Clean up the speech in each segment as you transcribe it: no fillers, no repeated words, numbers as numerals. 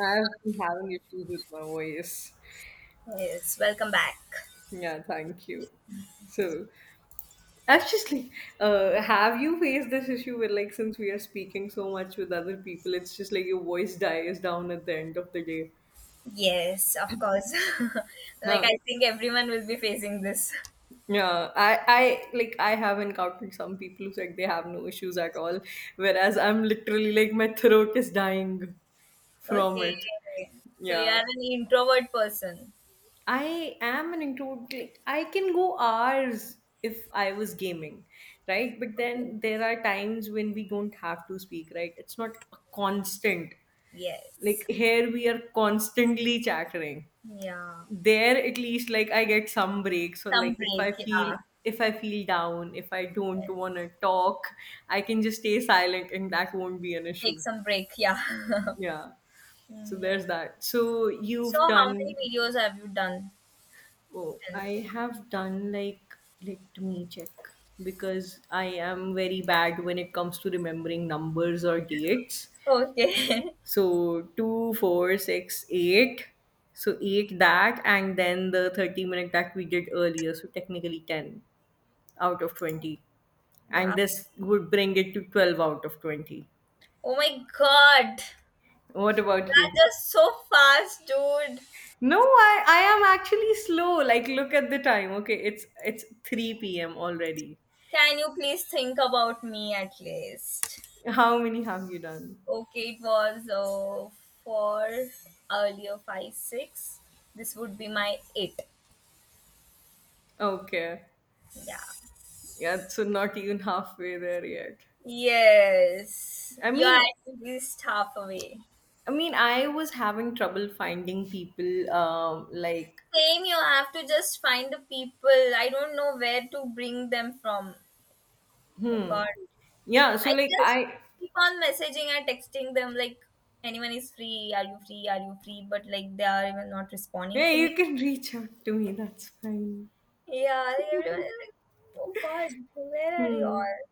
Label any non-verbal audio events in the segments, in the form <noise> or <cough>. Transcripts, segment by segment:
I've been having issues with my voice. Yes, welcome back. Yeah, thank you. So, actually, have you faced this issue where, like, since we are speaking so much with other people, it's just like your voice dies down at the end of the day? Yes, of course. <laughs> Like Huh. I think everyone will be facing this. <laughs> Yeah, I have encountered some people who said they have no issues at all, whereas I'm literally like my throat is dying from Okay. it. So you Yeah. are an introvert person. I am an introvert. Like, I can go hours if I was gaming, right? But Okay. then there are times when we don't have to speak, right? It's not a constant. Like Yes. here we are constantly chattering. Yeah. There at least like I get some breaks or Some like if break, I feel yeah. if I feel down, if I don't Yes. want to talk, I can just stay silent and that won't be an Take issue. some break, yeah. <laughs> Yeah. So Mm, yeah. there's that. So So you've how many done videos have you done? Oh, till- I have done like, let me check, because I am very bad when it comes to remembering numbers or dates. Okay. So two, four, six, eight. So eight that and then the 30 minute that we did earlier. So technically 10 out of 20. <laughs> And Wow. this would bring it to 12 out of 20. Oh my God. That's What about you? just so fast, dude. No, I am actually slow. Like look at the time. Okay, it's 3 p.m. already. Can you please think about me at least? How many have you done? Okay, it was four earlier five six. This would be my eight. Okay. Yeah. Yeah, so not even halfway there yet. Yes, I you are mean, at least half away. I mean, I was having trouble finding people. Like, Same, you have to just find the people. I don't know where to bring them from. Oh hmm, God, yeah. So I like, just I, keep on messaging and texting them like, anyone is free? Are you free? Are you free? But like they are even not responding yeah, to me. you can <laughs> reach out to me. That's fine. Yeah, like everyone is like, oh God, where are you Hmm. all?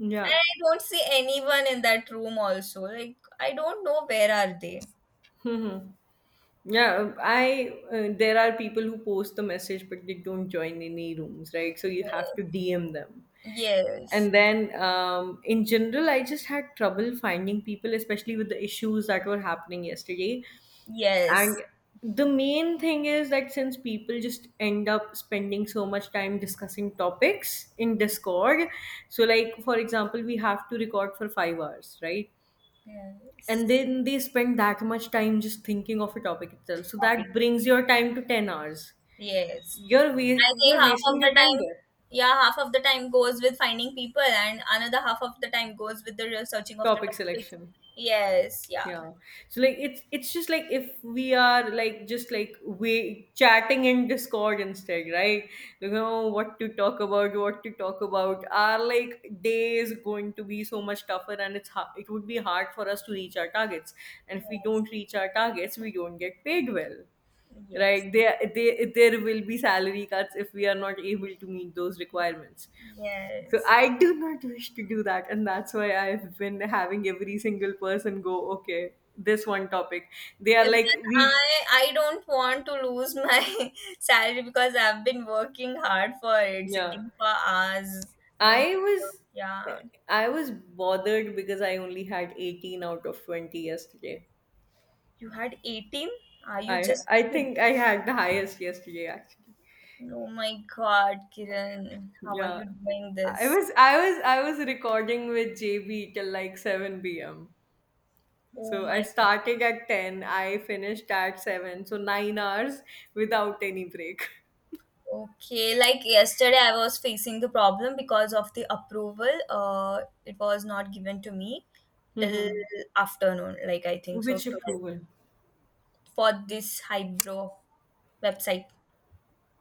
And I don't see anyone in that room also. Like I don't know where are they. Hmm. Hmm. Yeah. I There are people who post the message, but they don't join any rooms, right? So you have to DM them. Yes. And then, in general, I just had trouble finding people, especially with the issues that were happening yesterday. And Yes. the main thing is that since people just end up spending so much time discussing topics in Discord, so like for example, we have to record for 5 hours, right? And Yes. then they spend that much time just thinking of a topic itself. So Copy. that brings your time to 10 hours. Yes. I think You're half wasting of the your time time, there. yeah, half of the time goes with finding people and another half of the time goes with the researching of the Topic topics. selection. Yes, yeah. Yeah, so like it's just like if we are like just like we chatting in discord instead, right? You know what to talk about, what to talk about. Our like day is going to be so much tougher and it would be hard for us to reach our targets, and if we Yes. don't reach our targets we don't get paid well, Yes. right? There will be salary cuts if we are not able to meet those requirements. So Yes. I do not wish to do that, and that's why I've been having every single person go, okay, this one topic. They are Even like, we, I don't want to lose my <laughs> salary because I've been working hard for it, yeah. sitting for hours doing. I was, Yeah, I was bothered because I only had 18 out of 20 yesterday. you had 18? Are you I, just I kidding? think I had the highest yesterday actually. Oh my God, Kiran, how are Yeah, you doing I this? was, I was, I was recording with JB till like 7 p.m. Oh So I my. started at 10, I finished at 7, so 9 hours without any break. <laughs> Okay, like yesterday, I was facing the problem because of the approval. It was not given to me till Mm-hmm. afternoon, like I think so, Which 12 approval? for this hybrid website.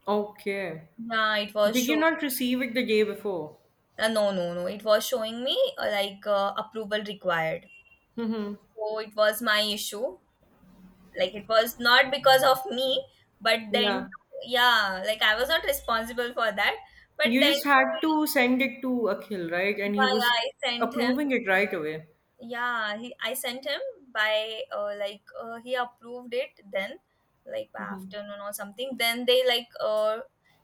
Okay. Yeah, it was Did you showing. not receive it the day before? No, no, no. It was showing me, like, approval required. Mm-hmm. So it was my issue. Like it was not because of me, but Yeah. then, yeah, like I was not responsible for that. But You then just had too, to send it to Akhil, right? yeah, And he yeah, was I sent him. approving it right away. Yeah, he I sent him by, like, he approved it, then like by afternoon or something. Then they, like,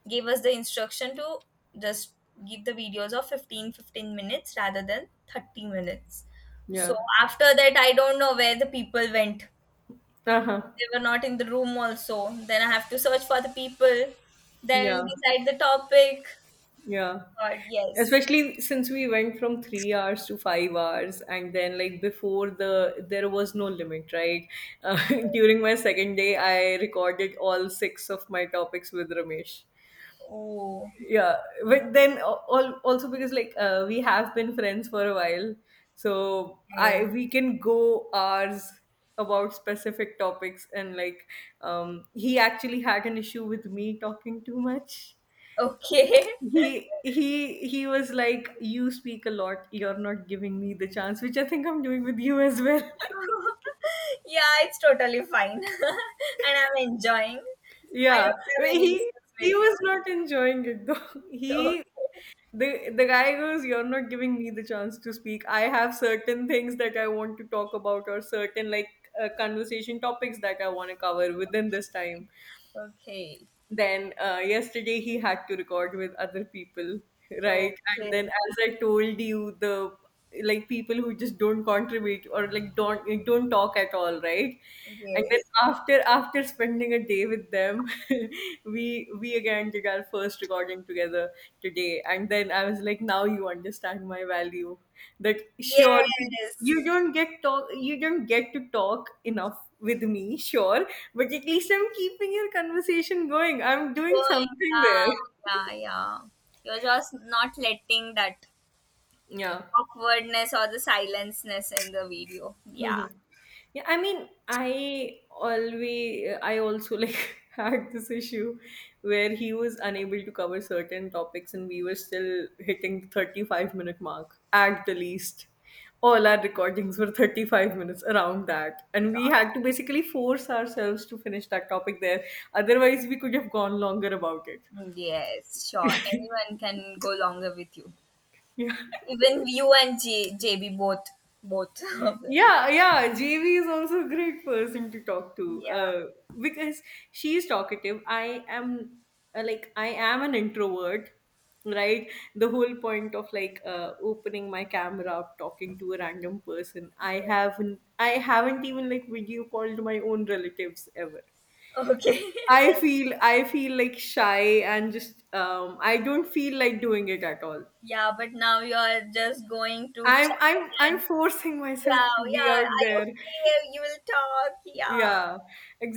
gave us the instruction to just give the videos of 15 15 minutes rather than 30 minutes. So Yeah. after that I don't know where the people went. Uh-huh. They were not in the room also, then I have to search for the people, then Yeah. decide the topic. Yeah. But yes. Especially since we went from 3 hours to 5 hours, and then like before the there was no limit, right? Uh, <laughs> during my second day, I recorded all 6 of my topics with Ramesh. Oh. Yeah, but then also because like we have been friends for a while, so I Okay. we can go hours about specific topics and like, he actually had an issue with me talking too much. Okay. <laughs> He was like, you speak a lot, you're not giving me the chance, which I think I'm doing with you as well. <laughs> Yeah, it's totally fine. <laughs> And I'm enjoying. <laughs> I Yeah, don't have any issues he with you. was <laughs> not enjoying it though. <laughs> He, the guy goes, you're not giving me the chance to speak, I have certain things that I want to talk about, or certain like conversation topics that I want to cover within this time. Okay. Then yesterday he had to record with other people, right? And then Okay. as I told you, the like people who just don't contribute or like don't talk at all, right? Okay. And then Yes. after spending a day with them, <laughs> we again did our first recording together today. And then I was like, now you understand my value. That sure you you Yes. don't get talk you don't get to talk enough with me, sure, but at least I'm keeping your conversation going, I'm doing Going. something there. Yeah. Yeah. Yeah. You're just not letting that Yeah. awkwardness or the silenceness in the video. Yeah. Mhm. Yeah, I also like <laughs> had this issue where he was unable to cover certain topics, and we were still hitting the 35 minute mark at the least. All our recordings were 35 minutes around that, and we Right. had to basically force ourselves to finish that topic there. Otherwise, we could have gone longer about it. Yes. Sure. Anyone can go longer with you. Yeah. Even you and JB both. Both <laughs> of them. Yeah. Yeah, yeah. JV is also a great person to talk to, Yeah. Because she is talkative. I am, I am an introvert, right? The whole point of like opening my camera up, talking to a random person. I haven't even like video called my own relatives ever. Okay. <laughs> I feel like shy and just, I don't feel like doing it at all. Yeah, but now you are just going to chat I'm and, forcing myself to yeah, be yeah. out Are you there. free? You will talk. Yeah, Yeah,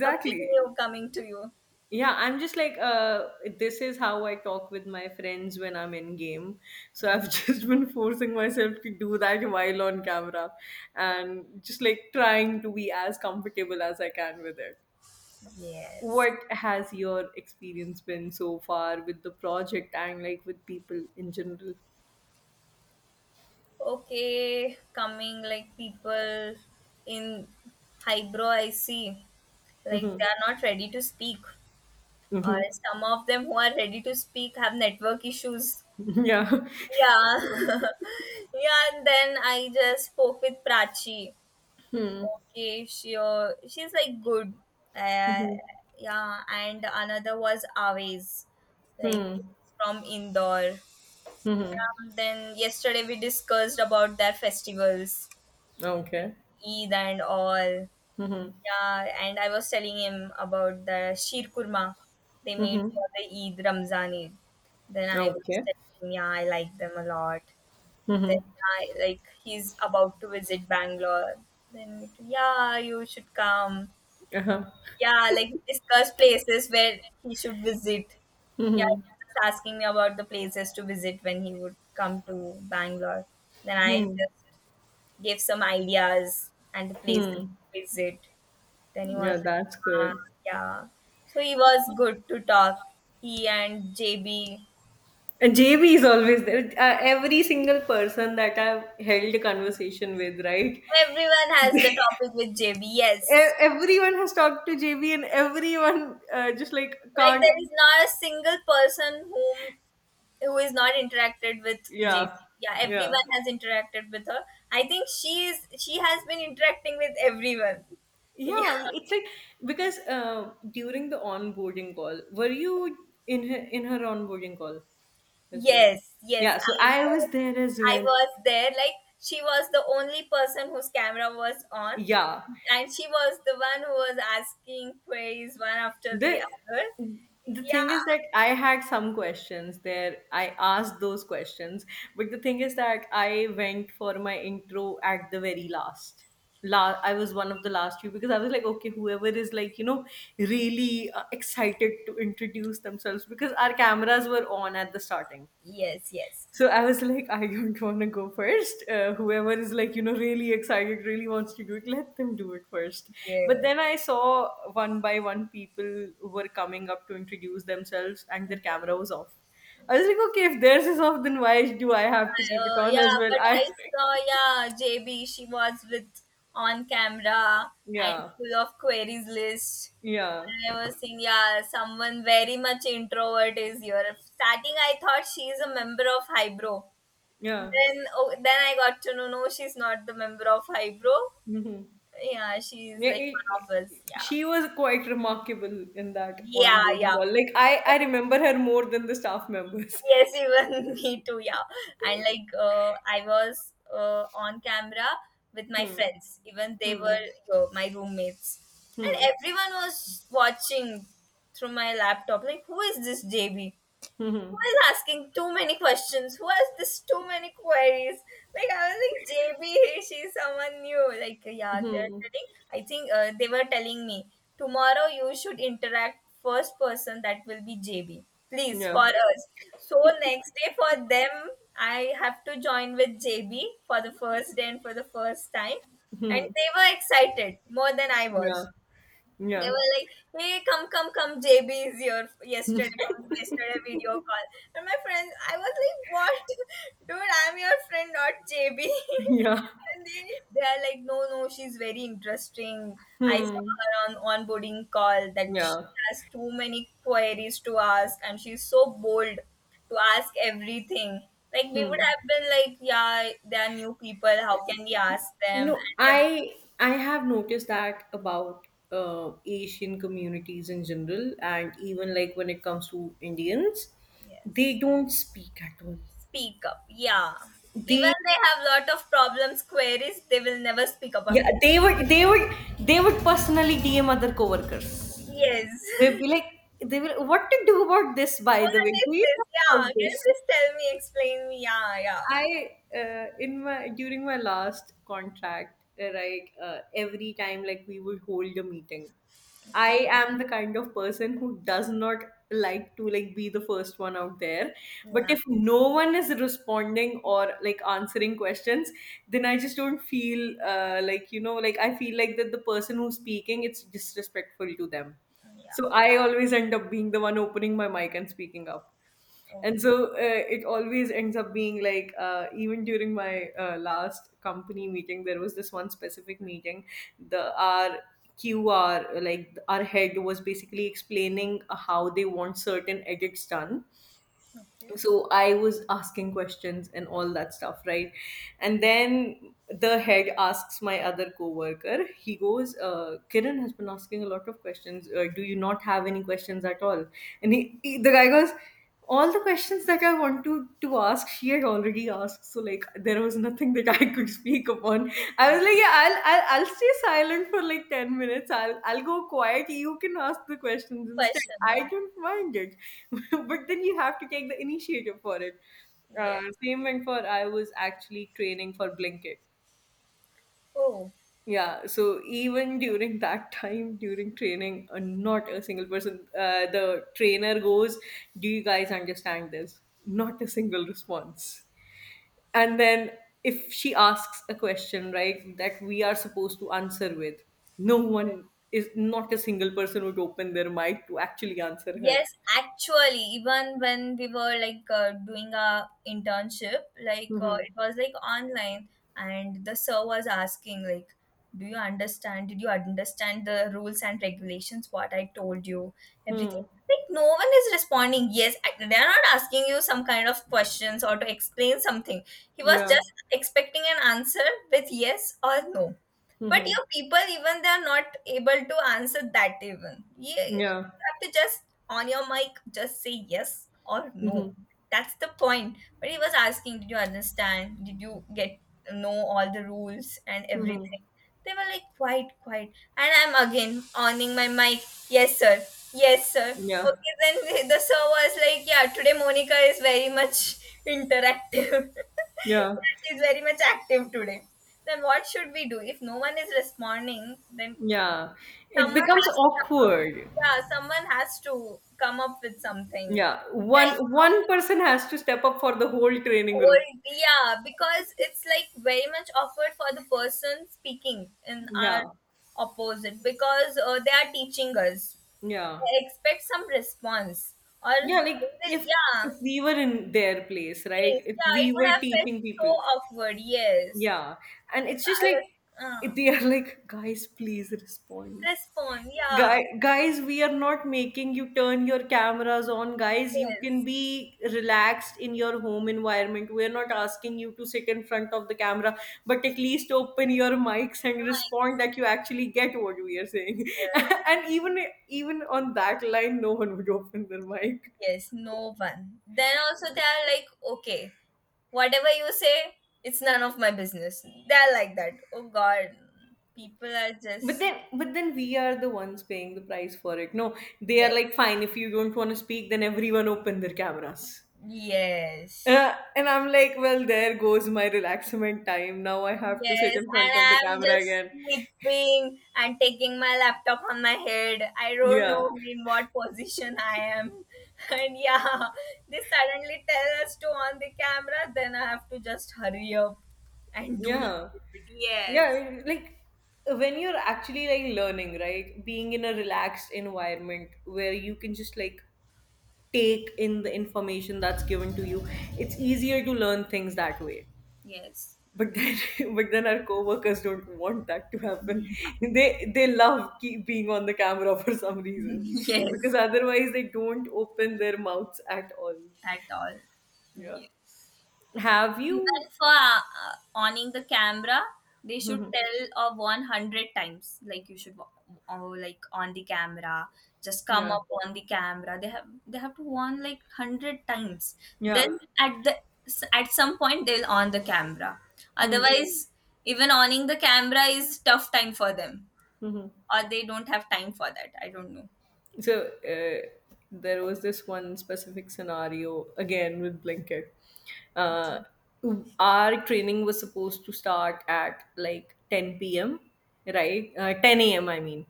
something new coming to you. Yeah, I'm just like this is how I talk with my friends when I'm in game, so I've Mm. <laughs> just been forcing myself to do that while on camera, and just like trying to be as comfortable as I can with it. Yes. What has your experience been so far with the project and like with people in general? Okay, coming like people in highbrow, I see. Like Mm-hmm. they are not ready to speak, or Mm-hmm. some of them who are ready to speak have network issues. Yeah. <laughs> Yeah, <laughs> yeah. And then I just spoke with Prachi. Hmm. Okay, she, she's like good, uh, Hmm. yeah. And another was always, like, Hmm. from Indore. Hmm. Yeah, then yesterday we discussed about their festivals, Okay. Eid and all. Mm-hmm. Yeah, and I was telling him about the Shir Kurma they made Mm-hmm. for the Eid Ramzan Eid. Then I was Okay. telling him, yeah, I like them a lot. Then Mhm. I, like, he's about to visit Bangalore. Then, yeah, you should come. Uh-huh. Yeah, like discuss places where he should visit. Yeah, he Mhm. was just asking me about the places to visit when he would come to Bangalore. Then I Mhm. just gave some ideas and the places Mhm. to visit. Then he was Yeah, like, that's ah, good. yeah. So he was good to talk. He and JB. And JB is always there. Every single person that I've held a conversation with, right? Everyone has the topic with JB, yes. Everyone has talked to JB, and everyone just like Like can't. there is not a single person who is not interacted with Yeah, Jason. Yeah, yeah, everyone has interacted with her. I think she has been interacting with everyone. <laughs> Yeah. yeah. It's like because during the onboarding call, were you in her onboarding call as well? Yes, yes, Yeah. So I I was was. there as I well. was there. Like she was the only person whose camera was on, Yeah. and she was the one who was asking queries one after the The other. Thing Yeah. is that I had some questions there, I asked those questions, but the thing is that I went for my intro at the very last. I was one of the last few because I was like, okay, whoever is like, you know, really excited to introduce themselves, because our cameras were on at the starting, Yes, yes, so I was like, I don't want to go first. Whoever is like, you know, really excited, really wants to do it, let them do it first. But yes. then I saw one by one people were coming up to introduce themselves and their camera was off. I was like, okay, if theirs is off, then why do I have to keep it on Yeah, as well? but I, I saw, yeah, JB, she was with on camera <laughs> and yeah, full of queries list. yeah, And I was saying, yeah, someone very much introvert is here. Starting, I thought she is a member of Hybro. yeah. Then, oh, then I got to know, no, she's not the member of Hybro. Hmm. Yeah, she's Yeah, like it, one of us. Yeah, she was quite remarkable in that yeah, onboarding call. Like yeah. I remember her more than the staff members. Yes, <laughs> even <laughs> me too, yeah. And, like, I was, on camera with my Hmm. friends, even they Hmm. were, my roommates, and Hmm. everyone was watching through my laptop like, who is this JB, who Mhm. is asking too many questions? Who has this too many queries? Like I was like, JB, here she's someone new. Like, yeah, they're Mhm. telling. I think, they were telling me tomorrow you should interact first person that will be JB. Please for Yeah. us. So next day for them, I have to join with JB for the first day and for the first time, and they were excited more than I Yeah. was. They Yeah. were like, "Hey, come, come, come! JB is your yesterday, from yesterday video call." And my friend, I was like, "What, <laughs> dude? I'm your friend, not JB." <laughs> Yeah. <laughs> And they are like, "No, no, she's very interesting. I saw Hmm. her on onboarding call that she Yeah. has too many queries to ask, and she's so bold to ask everything." Like we would Hmm. have been like, "Yeah, they are new people. How can we ask them?" No, And I have noticed that about Asian communities in general, and even like when it comes to Indians, they yes. don't speak at all. Speak up. Yeah. Even They, they have lot of problems, queries, they will never speak about. yeah, they would they would personally DM other coworkers. Yes. They'd <laughs> be like, they will what to do about this, by What the way. is Do you this? know Yeah. about Can you this? please tell me, explain me? Yeah, yeah. I, in my during my last contract, every time like we would hold a meeting, I am the kind of person who does not like to be the first one out there. But Yeah. if no one is responding or like answering questions, then I just don't feel, I feel like that the person who's speaking, it's disrespectful to them. Yeah. So I always end up being the one opening my mic and speaking up, Oh, and so it always ends up being like even during my last company meeting. There was this one specific meeting, the our qr like our head was basically explaining how they want certain edits done. okay. So I was asking questions and all that stuff, right? And then the head asks my other coworker. He goes, "Kiran has been asking a lot of questions. Do you not have any questions at all?" And he, the guy goes, "All the questions that I want to ask, she had already task, so like there was nothing that I could speak upon." I was like, "Yeah, I'll stay silent for like 10 minutes. I'll go quiet. You can ask the questions instead. Question. I don't mind it." <laughs> But then you have to take the initiative for it. Yes. Same went for, I was actually training for Blinkit. Oh, Yeah, so even during that time, during training, not a single person, the trainer goes, "Do you guys understand this?" Not a single response. And then if she asks a question, right, that we are supposed to answer with, no one, is not a single person would open their mic to actually answer her. yes, actually, even when we were, like, doing our internship, like, Hmm. it was like online, and the sir was asking like, "Do you understand? Did you understand the rules and regulations? What I told you, everything." Hmm. Like no one is responding. Yes, they are not asking you some kind of questions or to explain something. He was Yeah. just expecting an answer with yes or no. But Hmm. you people, even they are not able to answer that even. You Yeah. you have to just on your mic, just say yes or no. Hmm. That's the point. But he was asking, did you understand? Did you get know all the rules and Hmm. everything? They were like quiet, quiet. And I'm again owning my mic. Yes, sir. Yes, sir. Yeah. Okay, then the sir was like, yeah, today Monica is very much interactive. <laughs> Yeah. Yeah, she's very much active today. Then what should we do? If no one is responding, then Yeah, it someone becomes has to come up. awkward. Yeah, someone has to come up with something. Yeah, Yeah, one it's one awkward person for the, has to step up for the whole training group. yeah, because it's like very much awkward for the person speaking in our Yeah. opposite because, they are teaching us Yeah. expect some response or they Yeah, like will, yeah, if we were in their place, right, if yeah, we it would were have felt teaching so people. awkward, yes. Yeah, and It's, it's just like, uh, uh, they are like, "Guys, please respond. respond, yeah. Guys, we are not making you turn your cameras on. Guys, you can Yes. be relaxed in your home environment. We are not asking you to sit in front of the camera, but at least open your mics Oh and my respond that you actually get what we are saying." <laughs> God. And even, even on that line, no one would open their mic. Yes, no one. Then also they are like, okay, whatever you say, it's none of my business. They're like that. Oh god, people are But just, then, but then we are the ones paying the price for it. No, they are like, yes, "Fine, if you don't want to speak, then everyone open their cameras." yes. And I'm like, well, there goes my relaxment time. Now I have to sit Yes, in and front of the I'm camera just again. sleeping and taking my laptop on my head. I don't Yeah, know in what position I am. <laughs> And yeah, they suddenly tell us to on the camera, then I have to just hurry up and do it. yeah, Yes, yeah. Like when you're actually like learning, right? Being in a relaxed environment where you can just like take in the information that's given to you, it's easier to learn things that way. yes, But then, <laughs> but then our coworkers don't want that to happen. <laughs> They love keep being on the camera <laughs> for some reason, <laughs> because yes, otherwise they don't open their mouths at all. at all. Yeah, Yes. have Even you, for, owning the camera, they should <laughs> tell of 100 times. Like, you should, oh, like on the camera, just come yeah. up on the camera. They have to warn like 100 times. Yeah. Then at the at some point they'll on the camera. Hmm. Otherwise, even owning the camera is tough time for them, Hmm. or they don't have time for that. I don't know. So there was this one specific scenario again with Blinkit. Uh, Okay. our training was supposed to start at like 10 p.m., right? 10 a.m., I mean.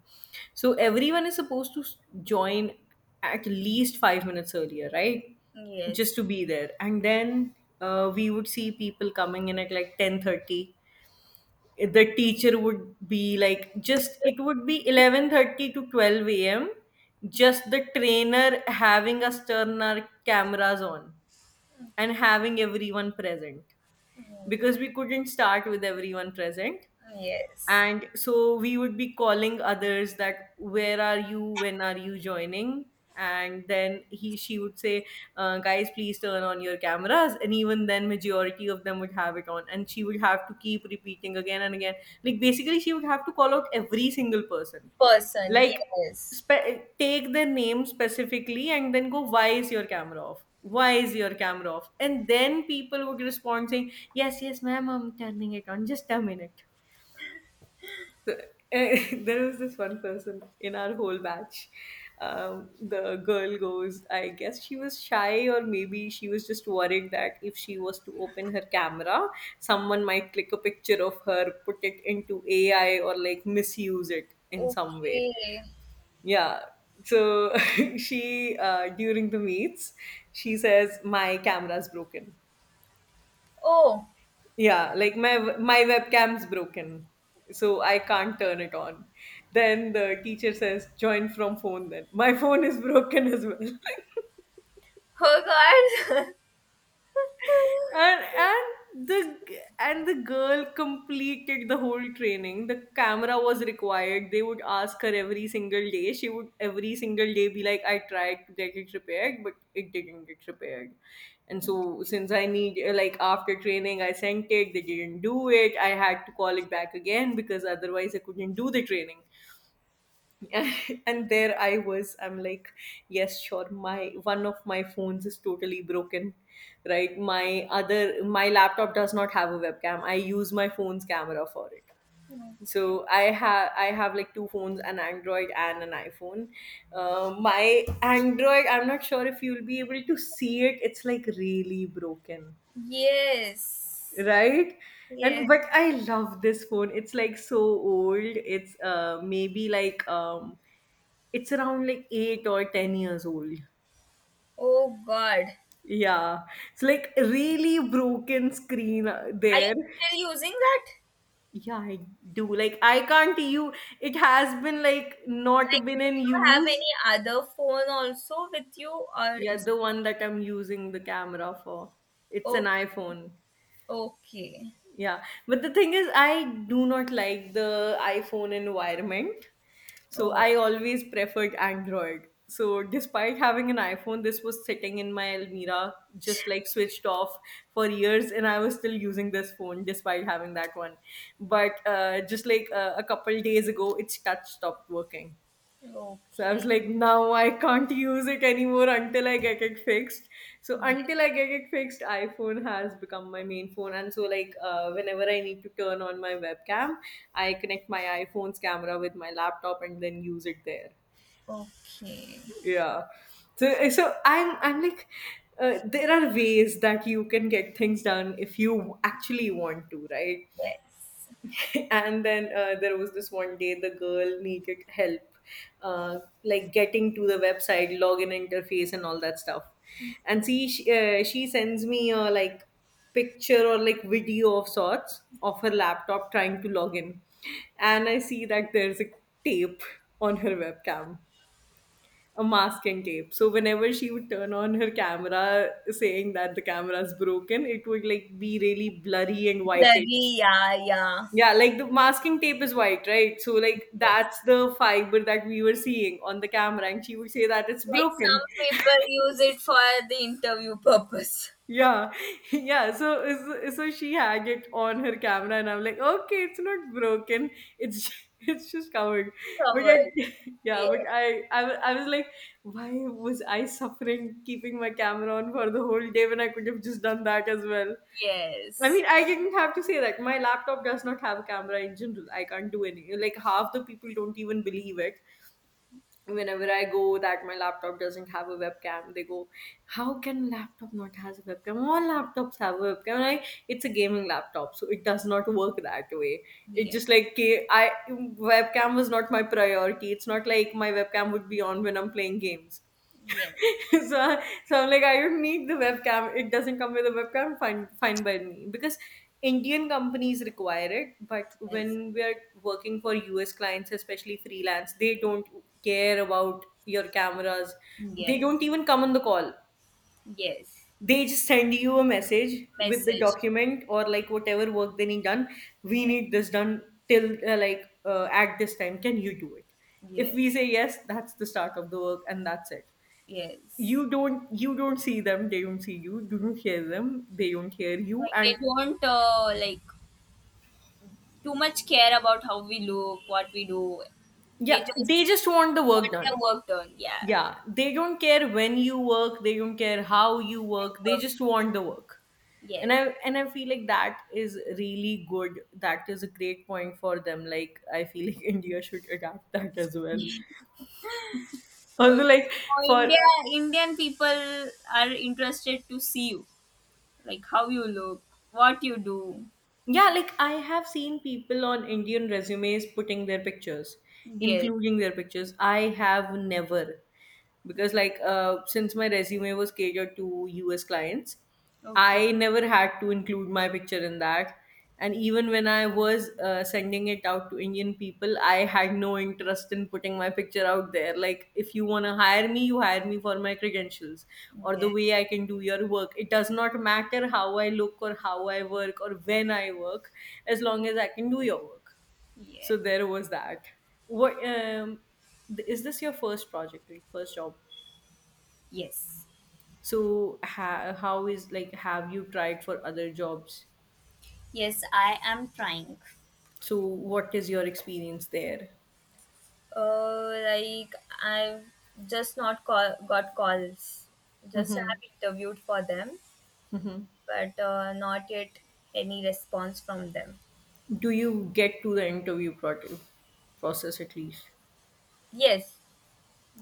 So everyone is supposed to join at least 5 minutes earlier, right? Just Yes. to be there. And then we would see people coming in at like 10:30. The teacher would be like, just, it would be 11:30 to 12 a.m., just the trainer having us turn our cameras on and having everyone present, because we couldn't start with everyone present. Yes. And so we would be calling others that, "Where are you? When are you joining?" And then he she would say, "Guys, please turn on your cameras," and even then majority of them would have it on, and she would have to keep repeating again and again. Like basically she would have to call out every single person, Person. like Yes. Take their name specifically and then go, "Why is your camera off? Why is your camera off?" And then people would respond saying, "Yes, yes, ma'am, I'm turning it on, just a minute." the- <laughs> there was this one person in our whole batch. The girl goes, I guess she was shy, or maybe she was just worried that if she was to open her camera, someone might click a picture of her, put it into AI, or like misuse it in some way. Okay. Yeah. So <laughs> she, during the meets, she says, "My camera's broken, Oh. yeah, like my webcam's broken, so I can't turn it on." Then the teacher says, "Join from phone." "Then my <laughs> phone is broken as well." Oh God. <laughs> And and the girl completed the whole training. The camera was required. They would ask her every single day, she would every single day be like, "I tried to get it repaired, but it didn't get repaired, and so since I need like after training, I sent it, they didn't do it, I had to call it back again because otherwise I couldn't do the training." <laughs> And there I was, I'm like, yes, sure, my one of my phones is totally broken, right, my laptop does not have a webcam, I use my phone's camera for it. So I have, I have like two phones, an Android and an iPhone. Uh, my Android, I'm not sure if you'll be able to see it, it's like really broken, Yes. right? Yeah. And but I love this phone, it's like so old. It's maybe like it's around like 8 or 10 years old. Oh God. Yeah, it's like really broken screen. Are you There. still using that? Yeah, I do, like I can't, you, it has been like not Like, been do in you have use. any other phone also with you, or Yeah, it's, the one that I'm using the camera for, it's an oh, iPhone. okay. Yeah, but the thing is, I do not like the iPhone environment, so Oh, I always preferred Android. So, despite having an iPhone, this was sitting in my Almira, just like switched off for years, and I was still using this phone despite having that one. But just like a couple days ago, its touch stopped working. So I was okay. like, now I can't use it anymore until I get it fixed. So Yes. until I get it fixed, iPhone has become my main phone. And so like whenever I need to turn on my webcam, I connect my iPhone's camera with my laptop and then use it there. Okay. Yeah. So I'm like, there are ways that you can get things done if you actually want to, right? Yes. <laughs> And then there was this one day the girl needed help, uh, like getting to the website login interface and all that stuff. And see, she sends me a like picture or like video of sorts of her laptop trying to log in, and I see that there's a tape on her webcam, a masking tape. So whenever she would turn on her camera saying that the camera's broken, it would like be really blurry and whitish. Blurry. Yeah. Yeah. Yeah, like the masking tape is white, right? So like Yes. that's the fiber that we were seeing on the camera, and she would say that it's Like broken. some <laughs> people use it for the interview purpose. Yeah, <laughs> yeah. So so she had it on her camera, and I'm like, okay, it's not broken. It's ju- <laughs> it's just covered. <laughs> But Covered. I, <laughs> yeah, Yeah. but I was like, why was I suffering keeping my camera on for the whole day when I could have just done that as well? I mean, Yes. I didn't have to say that. My laptop does not have a camera in general. I can't do any. Like half the people don't even believe it. Whenever I go that my laptop doesn't have a webcam, they go, "How can laptop not has a webcam? All laptops have a webcam." And I, it's a gaming laptop, so it does not work that way. It Yeah. just like, ca- I webcam was not my priority. It's not like my webcam would be on when I'm playing games. Yes. <laughs> So, so I'm like, I don't need the webcam. It doesn't come with a webcam. Fine, fine by me. Because Indian companies require it, but Yes, when we are working for US clients, especially freelance, they don't care about your cameras. They don't yes, even come on the call. yes. They just send you a message with the Message. document or like whatever work they need done. We Yeah, need this done till like at this time. Can you do it? If yes, we say yes, that's the start of the work and that's it. yes. You don't see them, they don't see you, you don't hear them, they don't hear you. Like And they don't, like too much care about how we look, what we do. They yeah, just they just want the work want done. their work done. Yeah, Yeah, they don't care when you work, they don't care how you new work, they work. just want the work. and Yes. i and I feel like that is really good, that is a great point for them. Like I feel like, <laughs> India should adapt that as well. Although, Okay, like, so for, India, Indian people are interested to see you, like how you look, what you do. yeah, like I have seen people on Indian resumes putting their pictures, Yes. including their pictures. I have never, because like since my resume was catered to US clients, Okay. I never had to include my picture in that. And even when I was sending it out to Indian people, I had no interest in putting my picture out there. Like, if you want to hire me, you hire me for my credentials or the Yes. way I can do your work. It does not matter how I look or how I work or when I work, as long as I can do your work. So Yes. there was that. What, is this your first project, like, first job? Yes. So, how is, like, have you tried for other jobs? Yes. I am trying. So what is your experience there? Like I've just not call, got calls. Just have interviewed for them, but, not yet any response from them. Do you get to the process at least? Yes,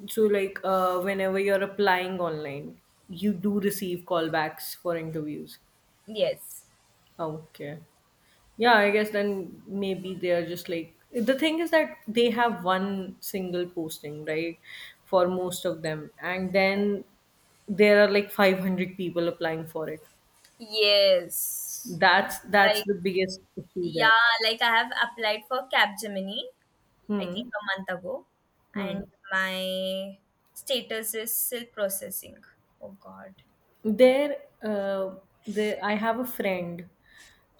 So like whenever you're applying online, you do receive callbacks for interviews. yes, Okay. Yeah, I guess then maybe they're just like, the thing is that they have one single posting, right, for most of them, and then there are like 500 people applying for it. yes. That's Like, the biggest issue yeah, there. like I have applied for Capgemini. I think Hmm. a month ago, and my status is still processing. Oh God. There, uh, there I have a friend,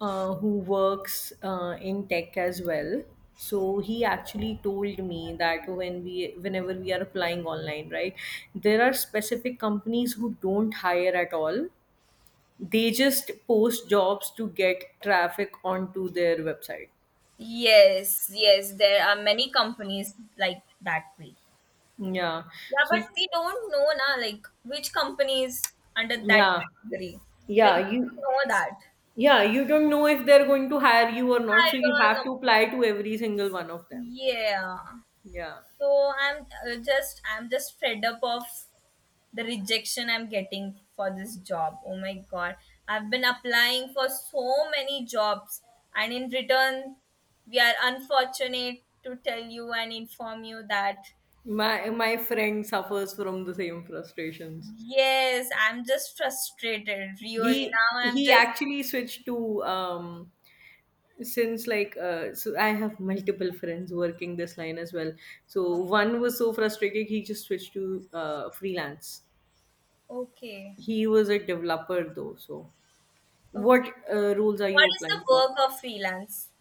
who works in tech as well. So he actually told me that when we, whenever we are applying online, right, there are specific companies who don't hire at all. They just post jobs to get traffic onto their website. Yes, yes. There are many companies like that way. Yeah. Yeah, but So, we don't know na like which company is under that yeah, category. Like yeah, we you, don't know that. yeah, you don't know if they're going to hire you or not, I so you have don't to know. apply to every single one of them. Yeah. Yeah. So I'm just fed up of the rejection I'm getting for this job. Oh my god. I've been applying for so many jobs and in return we are unfortunate to tell you and inform you that, My friend suffers from the same frustrations. yes, I'm just frustrated really. He Now I'm he just actually switched to um, since like so I have multiple friends working this line as well. So one was so frustrated he just switched to freelance. okay. He was a developer though, so Okay. what rules are What you is applying the for? work of freelance?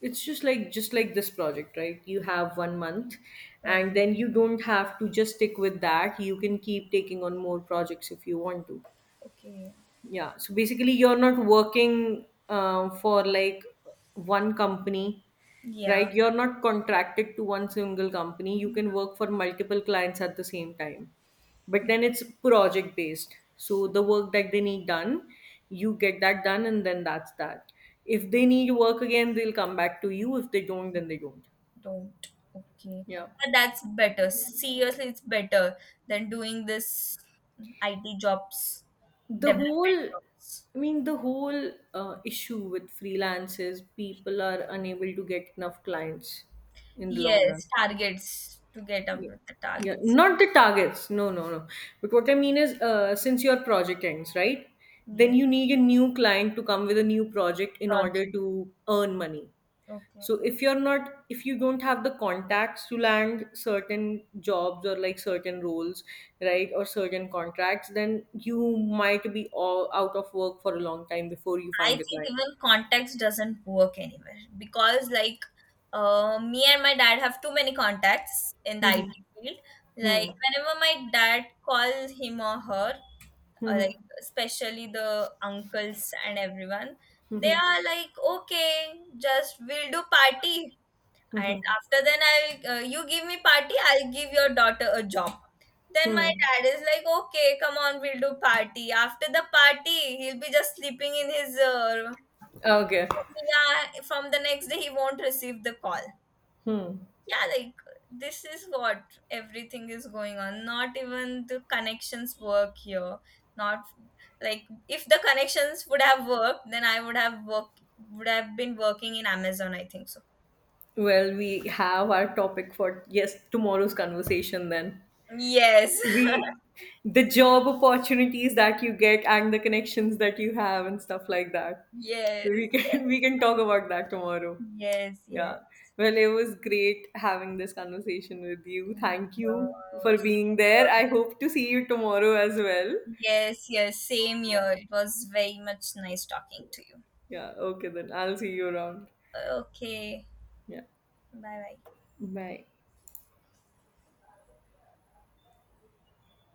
It's just like, just like this project, right? You have one month, and Okay. then you don't have to just stick with that. You can keep taking on more projects if you want to. Okay. Yeah. So basically, you're not working for like one company, Yeah. right? You're not contracted to one single company. You can work for multiple clients at the same time. But then it's project based. So the work that they need done, you get that done, and then that's that. If they need work again, they'll come back to you. If they don't, then they don't. Don't. Okay. Yeah. But that's better. Seriously, it's better than doing this IT jobs, the whole development jobs. I mean the whole issue with freelance is people are unable to get enough clients in the long run. Yes, targets to get up Yeah. with the Yeah, targets. not the targets, no, no, no. But what I mean is, since your project ends, right, then Yes, you need a new client to come with a new project in order project. to earn money. Okay. So if you're not, if you don't have the contacts to land certain jobs or like certain roles, right, or certain contracts, then you might be all out of work for a long time before you I find a think client. even context doesn't work anywhere because, like, me and my dad have too many contacts in the IT Hmm. field. Like, Hmm. whenever my dad calls him or her, or Hmm. like, especially the uncles and everyone, they Hmm. are like, okay, just we'll do party. And Hmm. after then, I'll, you give me party, I'll give your daughter a job. Then my Hmm. dad is like, okay, come on, we'll do party. After the party, he'll be just sleeping in his, Okay. yeah. From the next day he won't receive the call. Hmm. Yeah, like this is what everything is going on. Not even the connections work here, not, like, if the connections would have worked then I would have worked, would have been working in Amazon, I think so. Well, we have our topic for, yes, tomorrow's conversation then. Yes. <laughs> We, the job opportunities that you get and the connections that you have and stuff like that, Yes, so we can <laughs> we can talk about that tomorrow. yes, Yeah. yes. Well, it was great having this conversation with you. Thank you No, for being same here. there. I hope to see you tomorrow as well. Yes, yes, same Yeah. here. It was very much nice talking to you. Yeah. Okay, then I'll see you around. Okay. Yeah, bye bye bye.